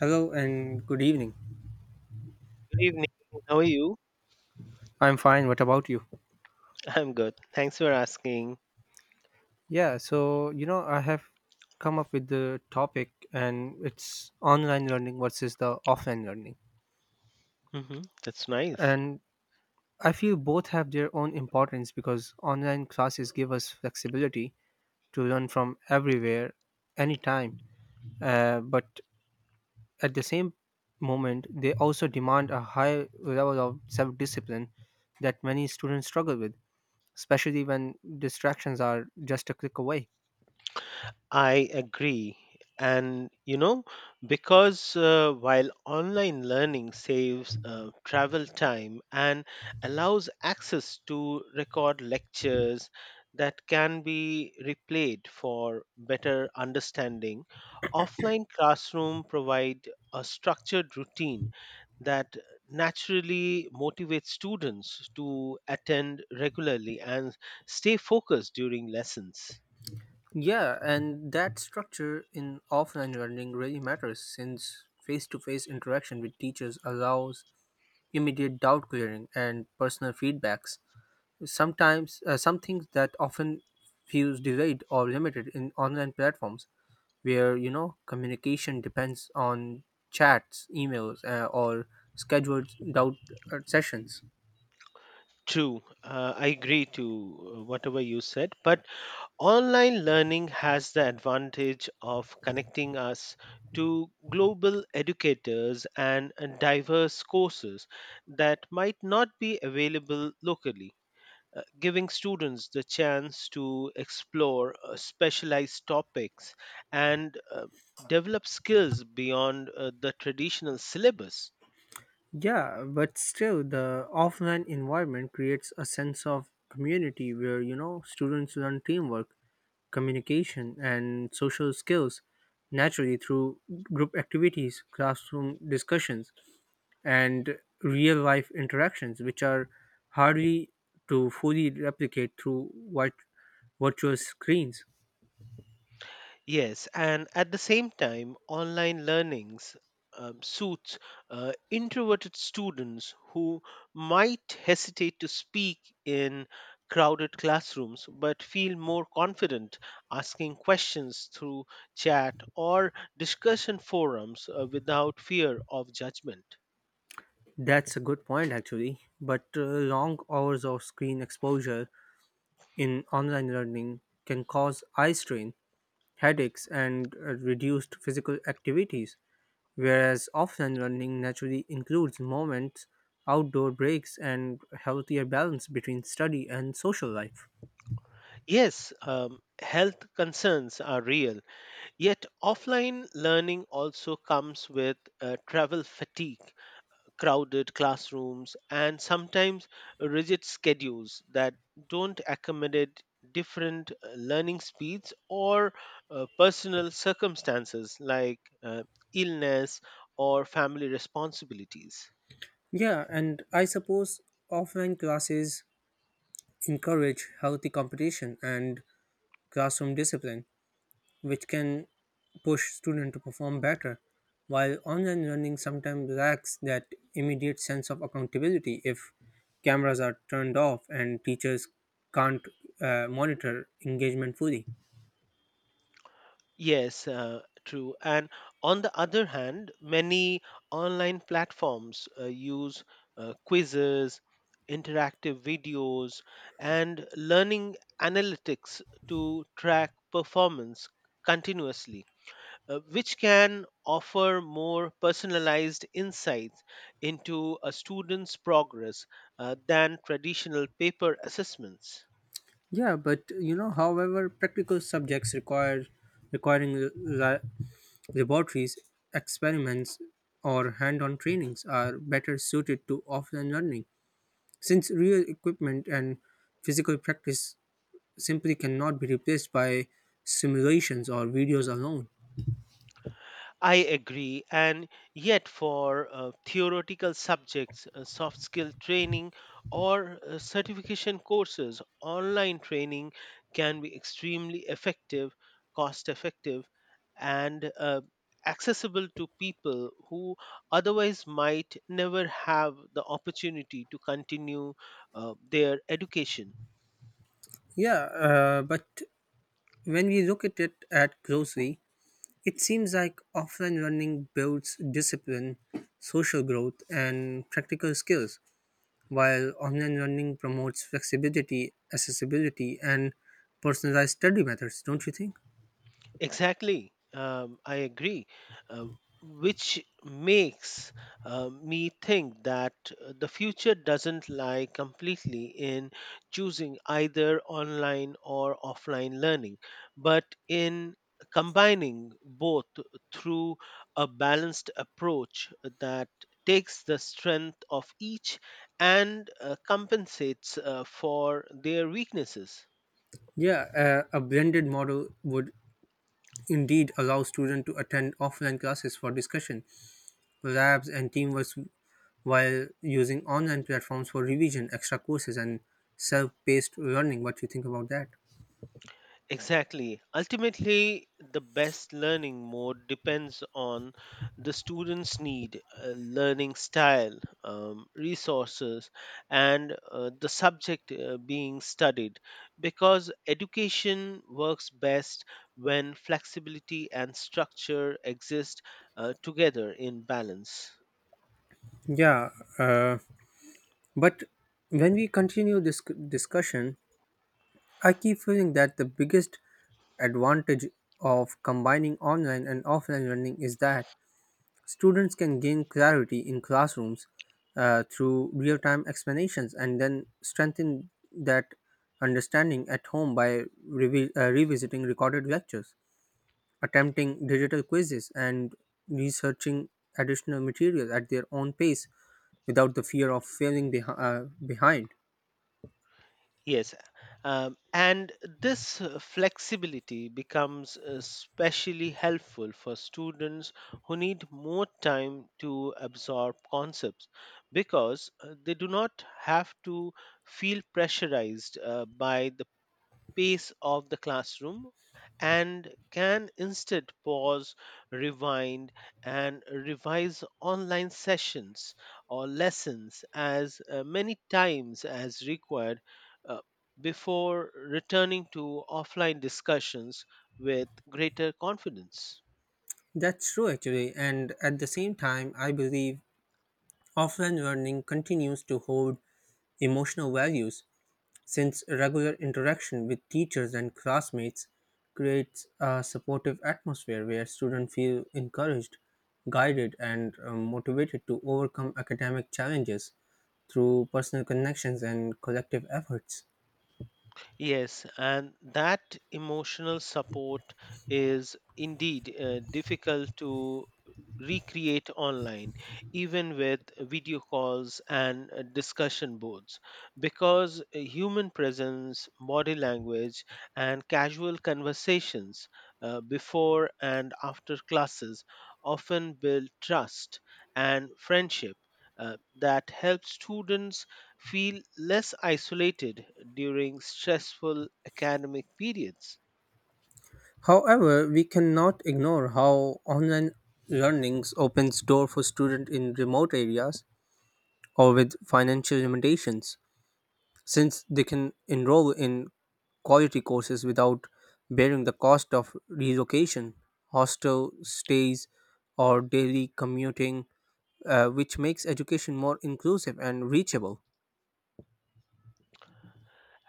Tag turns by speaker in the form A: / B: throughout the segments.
A: Hello and good evening.
B: Good evening. How are you?
A: I'm fine. What about you?
B: I'm good. Thanks for asking.
A: I have come up with the topic and it's online learning versus the offline learning.
B: That's nice.
A: And I feel both have their own importance because online classes give us flexibility to learn from everywhere, anytime. But at the same moment, they also demand a high level of self discipline that many students struggle with, especially when distractions are just a click away.
B: I agree. And you know, because while online learning saves travel time and allows access to record lectures that can be replayed for better understanding, offline classroom provide a structured routine that naturally motivates students to attend regularly and stay focused during lessons.
A: Yeah, and that structure in offline learning really matters since face to face interaction with teachers allows immediate doubt clearing and personal feedbacks. Sometimes, some things that often feels delayed or limited in online platforms where you know communication depends on chats, emails, or scheduled doubt sessions.
B: True, I agree to whatever you said, but online learning has the advantage of connecting us to global educators and diverse courses that might not be available locally. Giving students the chance to explore specialized topics and develop skills beyond the traditional syllabus.
A: Yeah, but still, the offline environment creates a sense of community where, you know, students learn teamwork, communication, and social skills naturally through group activities, classroom discussions, and real life interactions, which are hardly to fully replicate through what virtual screens.
B: Yes, and at the same time, online learnings suits introverted students who might hesitate to speak in crowded classrooms but feel more confident asking questions through chat or discussion forums without fear of judgment.
A: That's a good point, actually. But long hours of screen exposure in online learning can cause eye strain, headaches, and reduced physical activities, whereas often running naturally includes moments, outdoor breaks, and healthier balance between study and social life.
B: Yes, health concerns are real, yet offline learning also comes with travel fatigue crowded classrooms, and sometimes rigid schedules that don't accommodate different learning speeds or personal circumstances like illness or family responsibilities.
A: Yeah, and I suppose offline classes encourage healthy competition and classroom discipline, which can push students to perform better. While online learning sometimes lacks that immediate sense of accountability if cameras are turned off and teachers can't monitor engagement fully.
B: Yes, true. And on the other hand, many online platforms use quizzes, interactive videos, and learning analytics to track performance continuously, which can offer more personalized insights into a student's progress than traditional paper assessments.
A: However, practical subjects require requiring la- laboratories, experiments, or hand-on trainings are better suited to offline learning, since real equipment and physical practice simply cannot be replaced by simulations or videos alone.
B: I agree, and yet for theoretical subjects, soft skill training, or certification courses, online training can be extremely effective, cost effective, and accessible to people who otherwise might never have the opportunity to continue their education.
A: Yeah, but when we look at it at closely, it seems like offline learning builds discipline, social growth, and practical skills, while online learning promotes flexibility, accessibility, and personalized study methods, don't you think?
B: Exactly. I agree. Uh, which makes me think that the future doesn't lie completely in choosing either online or offline learning, but in combining both through a balanced approach that takes the strength of each and compensates for their weaknesses.
A: Yeah, a blended model would indeed allow students to attend offline classes for discussion, labs, and teamwork while using online platforms for revision, extra courses, and self-paced learning. What you think about that?
B: Exactly. Ultimately, the best learning mode depends on the student's need, learning style, resources, and the subject being studied because education works best when flexibility and structure exist together in balance.
A: Yeah, uh, but when we continue this discussion, I keep feeling that the biggest advantage of combining online and offline learning is that students can gain clarity in classrooms through real time explanations and then strengthen that understanding at home by revisiting recorded lectures, attempting digital quizzes and researching additional material at their own pace without the fear of failing behind.
B: Yes, and this flexibility becomes especially helpful for students who need more time to absorb concepts because they do not have to feel pressurized by the pace of the classroom and can instead pause, rewind, and revise online sessions or lessons as many times as required uh, before returning to offline discussions with greater confidence.
A: That's true, actually, and at the same time, I believe offline learning continues to hold emotional values since regular interaction with teachers and classmates creates a supportive atmosphere where students feel encouraged, guided, and motivated to overcome academic challenges through personal connections and collective efforts.
B: Yes, and that emotional support is indeed difficult to recreate online, even with video calls and discussion boards, because human presence, body language, and casual conversations before and after classes often build trust and friendship that help students feel less isolated during stressful academic periods.
A: However, we cannot ignore how online learnings opens door for students in remote areas or with financial limitations since they can enroll in quality courses without bearing the cost of relocation, hostel stays, or daily commuting, which makes education more inclusive and reachable.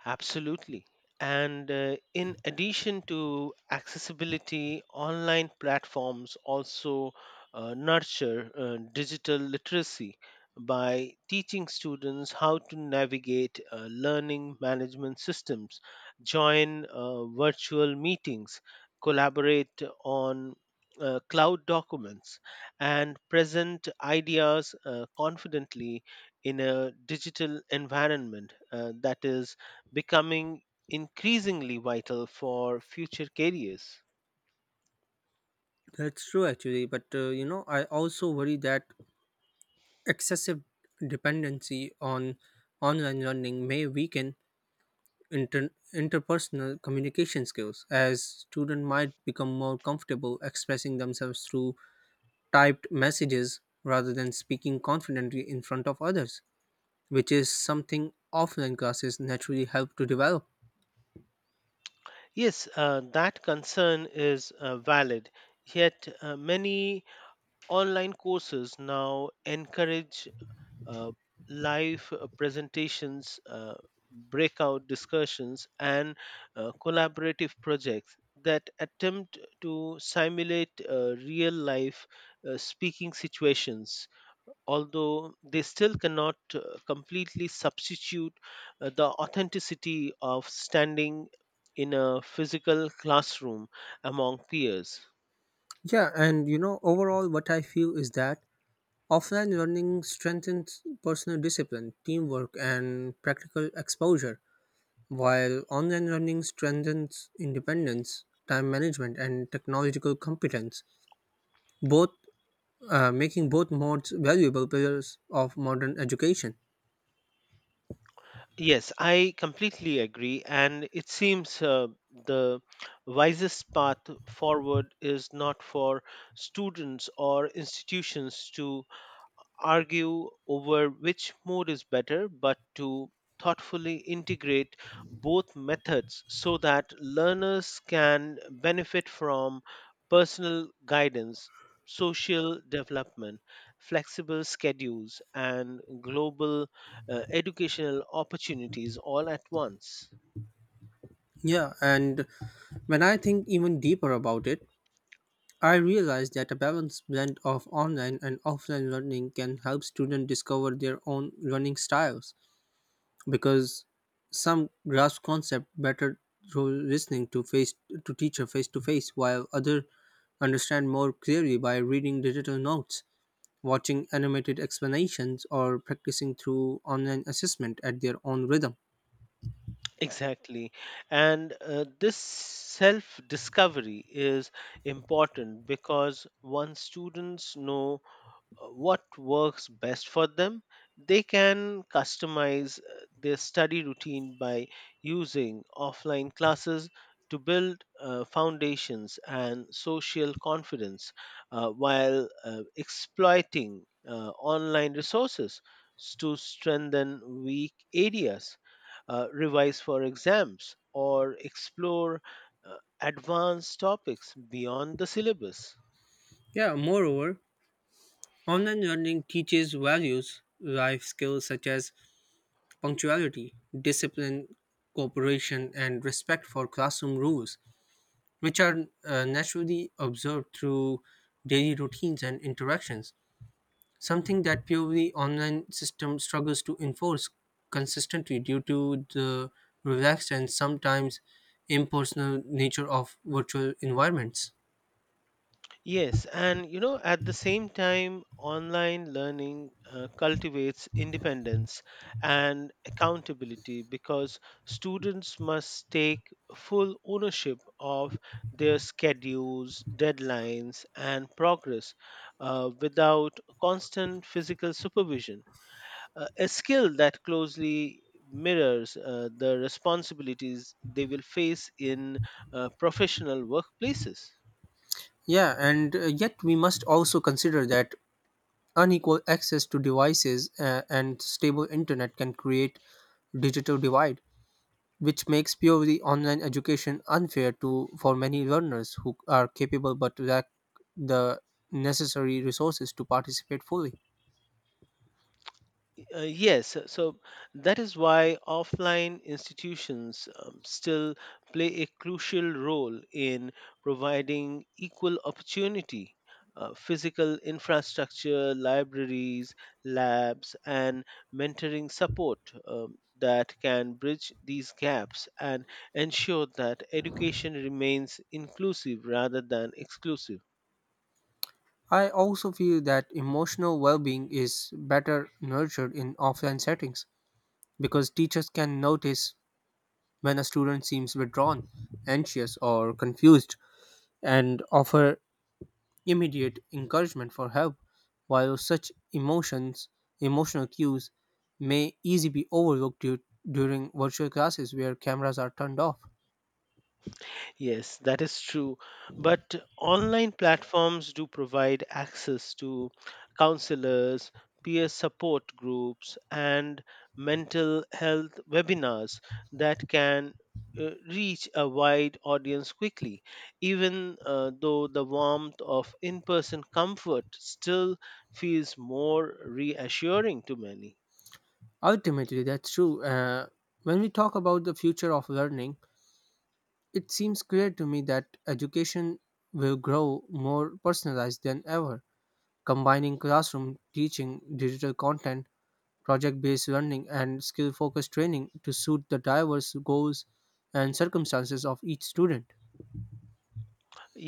B: Absolutely. And in addition to accessibility, online platforms also nurture digital literacy by teaching students how to navigate learning management systems, join virtual meetings, collaborate on cloud documents, and present ideas confidently in a digital environment that is becoming increasingly vital for future careers.
A: That's true, actually. But I also worry that excessive dependency on online learning may weaken interpersonal communication skills, as students might become more comfortable expressing themselves through typed messages rather than speaking confidently in front of others, which is something offline classes naturally help to develop.
B: Yes, that concern is valid. Yet, many online courses now encourage uh, live presentations, breakout discussions, and collaborative projects that attempt to simulate real life speaking situations. Although they still cannot completely substitute the authenticity of standing in a physical classroom among peers.
A: Overall, what I feel is that offline learning strengthens personal discipline, teamwork, and practical exposure, while online learning strengthens independence, time management, and technological competence, both making both modes valuable pillars of modern education.
B: Yes, I completely agree. And it seems the wisest path forward is not for students or institutions to argue over which mode is better, but to thoughtfully integrate both methods so that learners can benefit from personal guidance, social development, flexible schedules, and global educational opportunities all at once.
A: Yeah, and when I think even deeper about it, I realize that a balanced blend of online and offline learning can help students discover their own learning styles because some grasp concept better through listening to face to teacher face to face while other understand more clearly by reading digital notes, watching animated explanations or practicing through online assessment at their own rhythm.
B: Exactly. And this self discovery is important because once students know what works best for them. They can customize their study routine by using offline classes to build foundations and social confidence while exploiting online resources to strengthen weak areas, revise for exams, or explore uh, advanced topics beyond the syllabus.
A: Yeah, moreover, online learning teaches values, life skills such as punctuality, discipline, cooperation, and respect for classroom rules, which are naturally observed through daily routines and interactions, something that purely online system struggles to enforce consistently due to the relaxed and sometimes impersonal nature of virtual environments.
B: Yes, and you know, at the same time, online learning cultivates independence and accountability because students must take full ownership of their schedules, deadlines, and progress without constant physical supervision. A skill that closely mirrors the responsibilities they will face in professional workplaces.
A: Yeah, and Yet we must also consider that unequal access to devices and stable internet can create digital divide, which makes purely online education unfair to for many learners who are capable but lack the necessary resources to participate fully.
B: Yes, so that is why offline institutions still play a crucial role in providing equal opportunity. Physical infrastructure, libraries, labs, and mentoring support that can bridge these gaps and ensure that education remains inclusive rather than exclusive.
A: I also feel that emotional well being is better nurtured in offline settings because teachers can notice when a student seems withdrawn, anxious, or confused and offer immediate encouragement for help, while emotional cues may easily be overlooked during virtual classes where cameras are turned off.
B: Yes, that is true. But online platforms do provide access to counselors, peer support groups, and mental health webinars that can reach a wide audience quickly. Even though the warmth of in person comfort still feels more reassuring to many.
A: Ultimately, that's true. When we talk about the future of learning, it seems clear to me that education will grow more personalized than ever, combining classroom teaching, digital content, project based learning, and skill focused training to suit the diverse goals and circumstances of each student.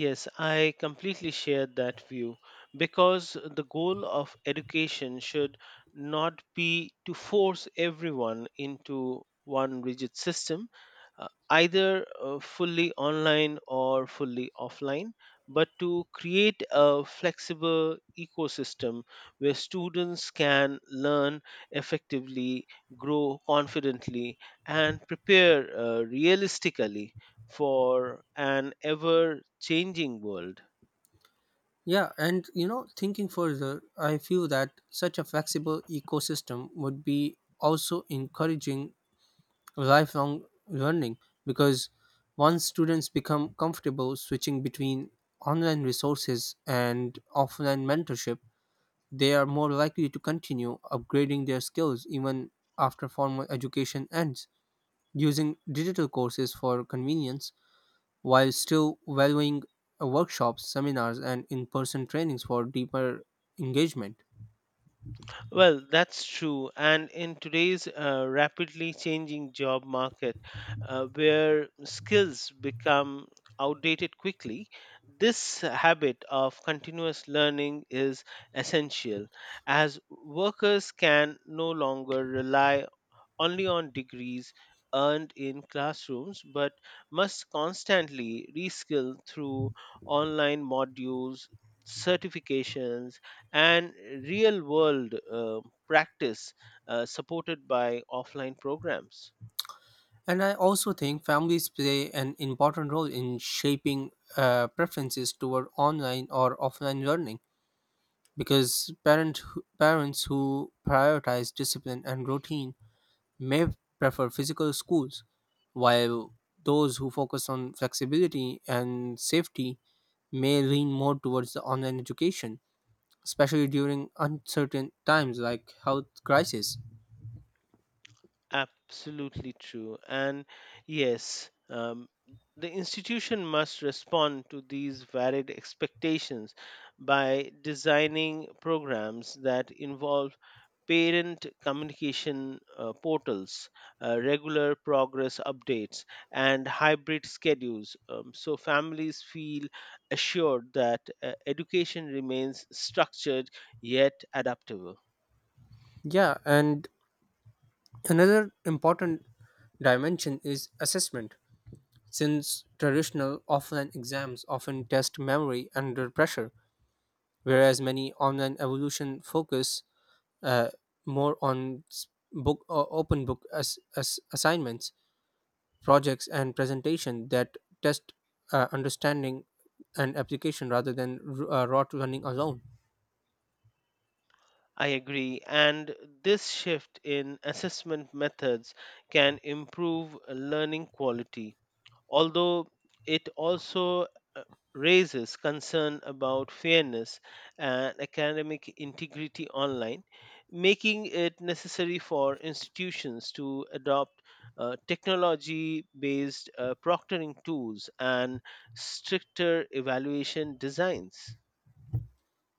B: Yes, I completely share that view because the goal of education should not be to force everyone into one rigid system, either fully online or fully offline, but to create a flexible ecosystem where students can learn effectively, grow confidently, and prepare realistically for an ever changing world.
A: Thinking further, I feel that such a flexible ecosystem would be also encouraging lifelong learning because once students become comfortable switching between online resources and offline mentorship, they are more likely to continue upgrading their skills even after formal education ends, using digital courses for convenience while still valuing workshops, seminars, and in person trainings for deeper engagement.
B: Well, that's true. And in today's rapidly changing job market, where skills become outdated quickly, this habit of continuous learning is essential as workers can no longer rely only on degrees earned in classrooms but must constantly reskill through online modules, certifications, and real world practice supported by offline programs.
A: And I also think families play an important role in shaping preferences toward online or offline learning because parents who prioritize discipline and routine may prefer physical schools, while those who focus on flexibility and safety may lean more towards the online education, especially during uncertain times like health crisis.
B: Absolutely true. And yes, the institution must respond to these varied expectations by designing programs that involve parent communication portals, regular progress updates, and hybrid schedules so families feel assured that education remains structured yet adaptable.
A: Yeah, and another important dimension is assessment, since traditional offline exams often test memory under pressure, whereas many online evolution focus uh, more on book or open book as assignments, projects, and presentation that test understanding and application rather than rote running alone.
B: I agree, and this shift in assessment methods can improve learning quality although it also uh, raises concern about fairness and academic integrity online, making it necessary for institutions to adopt technology based proctoring tools and stricter evaluation designs.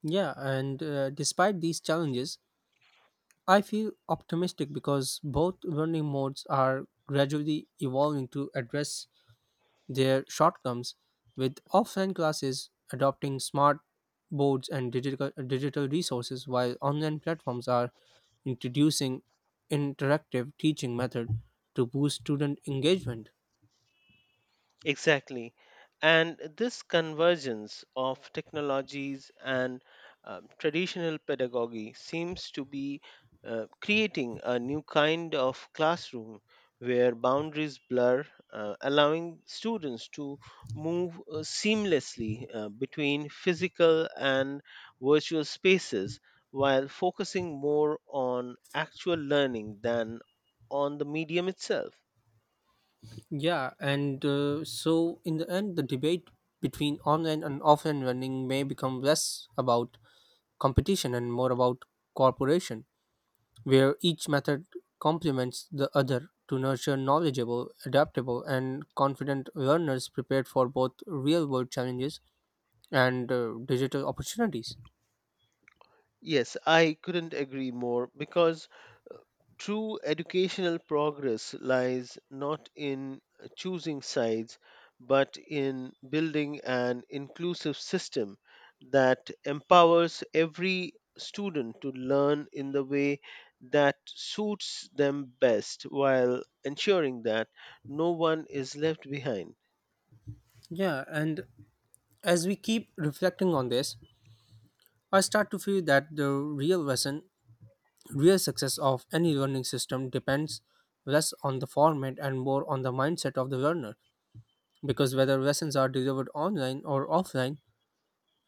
A: Yeah, and Despite these challenges, I feel optimistic because both learning modes are gradually evolving to address their shortcomings, with offline classes adopting smart boards and digital resources, while online platforms are introducing interactive teaching method to boost student engagement.
B: Exactly. And this convergence of technologies and traditional pedagogy seems to be creating a new kind of classroom where boundaries blur, allowing students to move seamlessly between physical and virtual spaces while focusing more on actual learning than on the medium itself.
A: Yeah, and so in the end, the debate between online and offline learning may become less about competition and more about cooperation, where each method complements the other to nurture knowledgeable, adaptable, and confident learners prepared for both real world challenges and digital opportunities.
B: Yes, I couldn't agree more because true educational progress lies not in choosing sides, but in building an inclusive system that empowers every student to learn in the way that suits them best while ensuring that no one is left behind.
A: Yeah, and as we keep reflecting on this, I start to feel that the real lesson, real success of any learning system depends less on the format and more on the mindset of the learner, because whether lessons are delivered online or offline,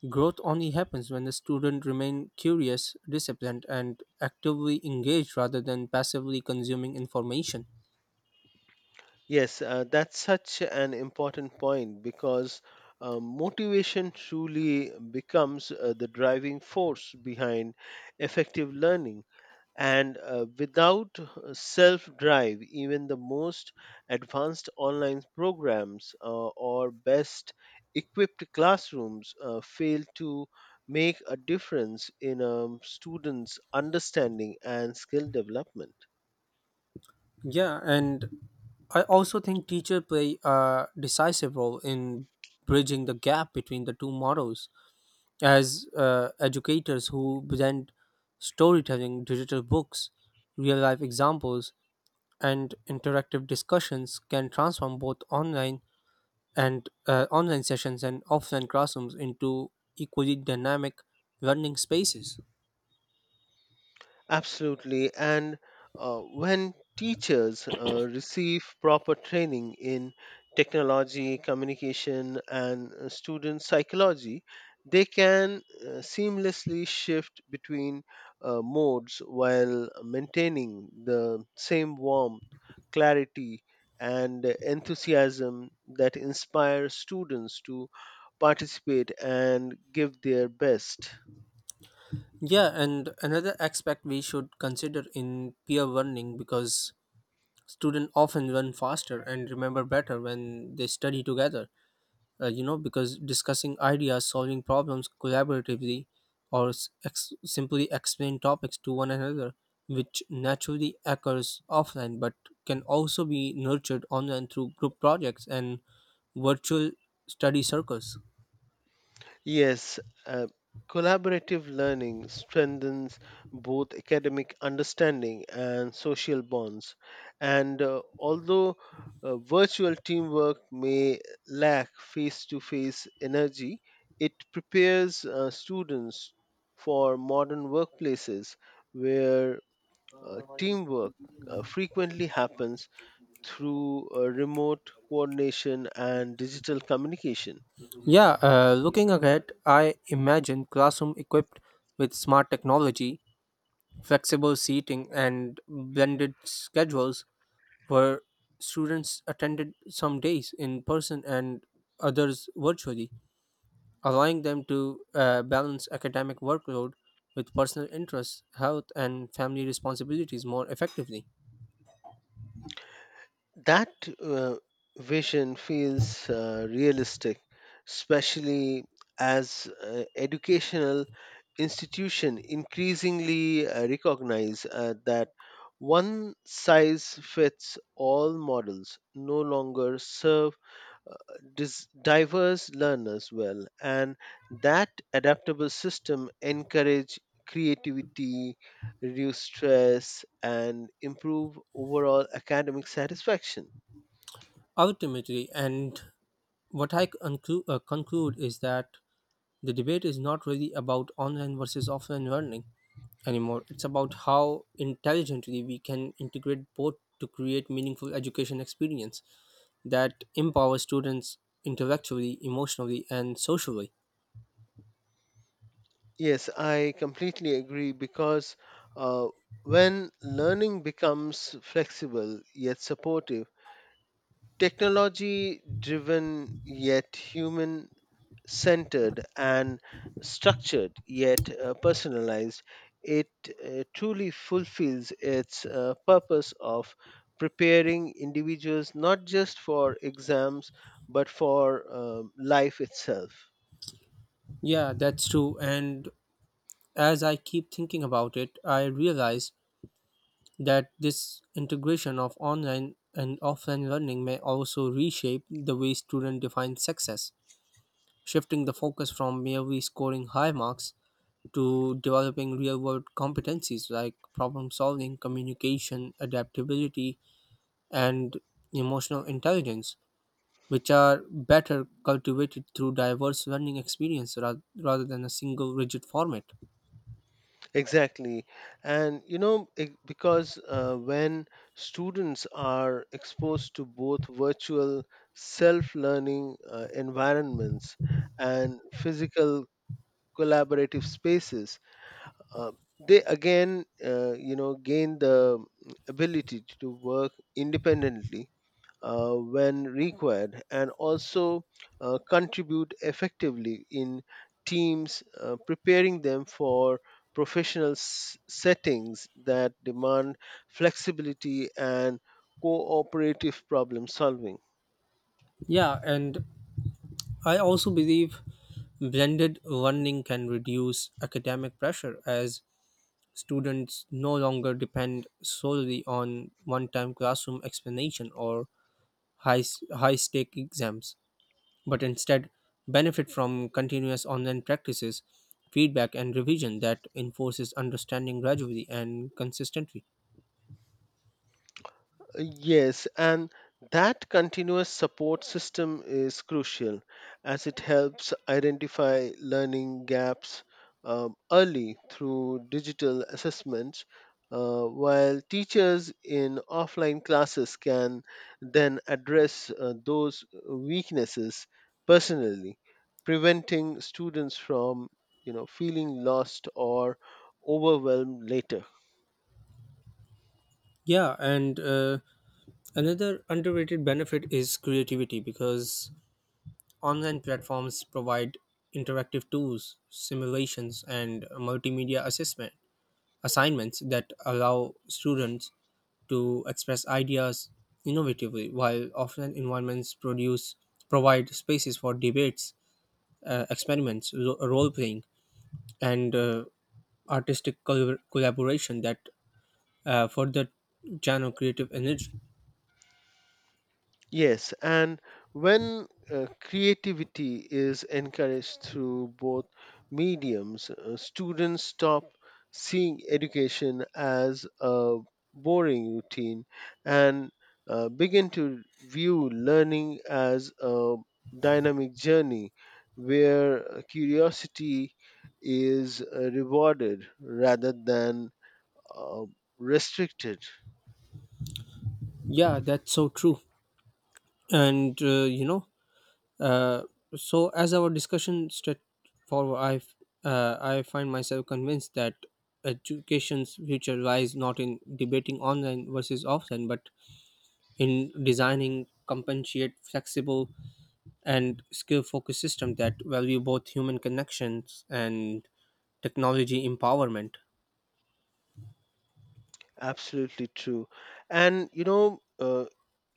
A: growth only happens when the student remain curious, disciplined, and actively engaged rather than passively consuming information.
B: Yes, that's such an important point because motivation truly becomes the driving force behind effective learning. And without self drive, even the most advanced online programs or best equipped classrooms fail to make a difference in students' understanding and skill development.
A: Yeah, and I also think teacher play a decisive role in bridging the gap between the two models as educators who present storytelling, digital books, real life examples, and interactive discussions can transform both online sessions and offline classrooms into equally dynamic learning spaces.
B: Absolutely. And when teachers receive proper training in technology, communication, and student psychology, they can seamlessly shift between modes while maintaining the same warmth, clarity, and enthusiasm that inspire students to participate and give their best.
A: Yeah, and another aspect we should consider in peer learning because students often learn faster and remember better when they study together, because discussing ideas solving problems collaboratively or simply explain topics to one another, which naturally occurs offline but can also be nurtured online through group projects and virtual study circles.
B: Yes, uh, collaborative learning strengthens both academic understanding and social bonds. And although virtual teamwork may lack face to face energy, it prepares students for modern workplaces where teamwork frequently happens through remote coordination and digital communication.
A: Yeah Looking ahead, I imagine classroom equipped with smart technology, flexible seating and blended schedules where students attended some days in person and others virtually, allowing them to balance academic workload with personal interests, health, and family responsibilities more effectively.
B: That uh, vision feels realistic, especially as educational institution increasingly recognize that one size fits all models no longer serve uh, diverse learners well and that adaptable system encourage creativity reduce stress and improve overall academic satisfaction.
A: Ultimately, and what I conclude is that the debate is not really about online versus offline learning anymore. It's about how intelligently we can integrate both to create meaningful education experience that empower students intellectually, emotionally, and socially.
B: Yes, I completely agree because uh, when learning becomes flexible yet supportive, technology driven yet human centered, and structured yet personalized, it truly fulfills its purpose of preparing individuals not just for exams but for life itself.
A: Yeah, that's true. And as I keep thinking about it, I realize that this integration of online and offline learning may also reshape the way students define success, shifting the focus from merely scoring high marks to developing real world competencies like problem solving, communication, adaptability, and emotional intelligence, which are better cultivated through diverse learning experience rather than a single rigid format.
B: Exactly. And you know, because when students are exposed to both virtual self learning environments and physical collaborative spaces, uh, they again, you know, gain the ability to work independently when required and also contribute effectively in teams, preparing them for professional settings that demand flexibility and cooperative problem solving.
A: Yeah, and I also believe blended learning can reduce academic pressure as students no longer depend solely on one time classroom explanation or high, high stake exams, but instead benefit from continuous online practices, feedback, and revision that enforces understanding gradually and consistently.
B: Yes, and that continuous support system is crucial as it helps identify learning gaps early through digital assessments, while teachers in offline classes can then address those weaknesses personally, preventing students from you know feeling lost or overwhelmed later.
A: Yeah, and Another underrated benefit is creativity because online platforms provide interactive tools, simulations, and multimedia assessment assignments that allow students to express ideas innovatively, while offline environments produce provide spaces for debates, experiments, role playing, and artistic collaboration that further channel creative energy.
B: Yes, and when creativity is encouraged through both mediums, students stop seeing education as a boring routine and begin to view learning as a dynamic journey where curiosity is rewarded rather than uh, restricted.
A: Yeah, that's so true. And uh, you know, uh, so as our discussion straight forward, I find myself convinced that education's future lies not in debating online versus offline, but in designing compensate flexible and skill-focused system that value both human connections and technology empowerment.
B: Absolutely true. And you know,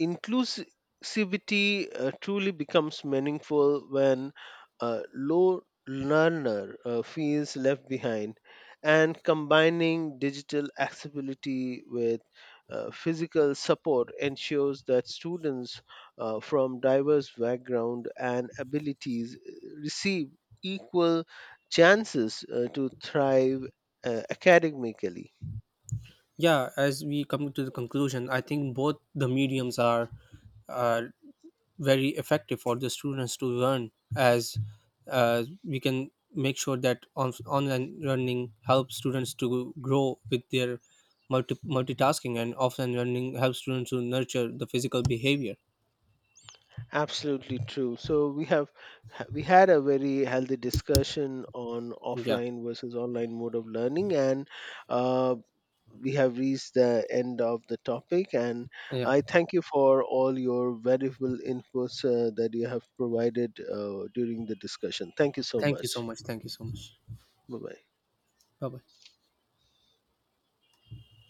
B: inclusivity truly becomes meaningful when a low learner feels left behind. And combining digital accessibility with physical support ensures that students from diverse background and abilities receive equal chances to thrive academically.
A: Yeah, as we come to the conclusion, I think both the mediums are uh, very effective for the students to learn, as we can make sure that online learning helps students to grow with their multitasking and offline learning helps students to nurture the physical behavior.
B: Absolutely true. So we had a very healthy discussion on
A: Yeah.
B: offline versus online mode of learning, and uh, we have reached the end of the topic. And
A: Yeah.
B: I thank you for all your valuable inputs that you have provided during the discussion. Thank you so
A: Thank you so
B: much.
A: much. Thank you so much.
B: Bye bye.
A: Bye bye.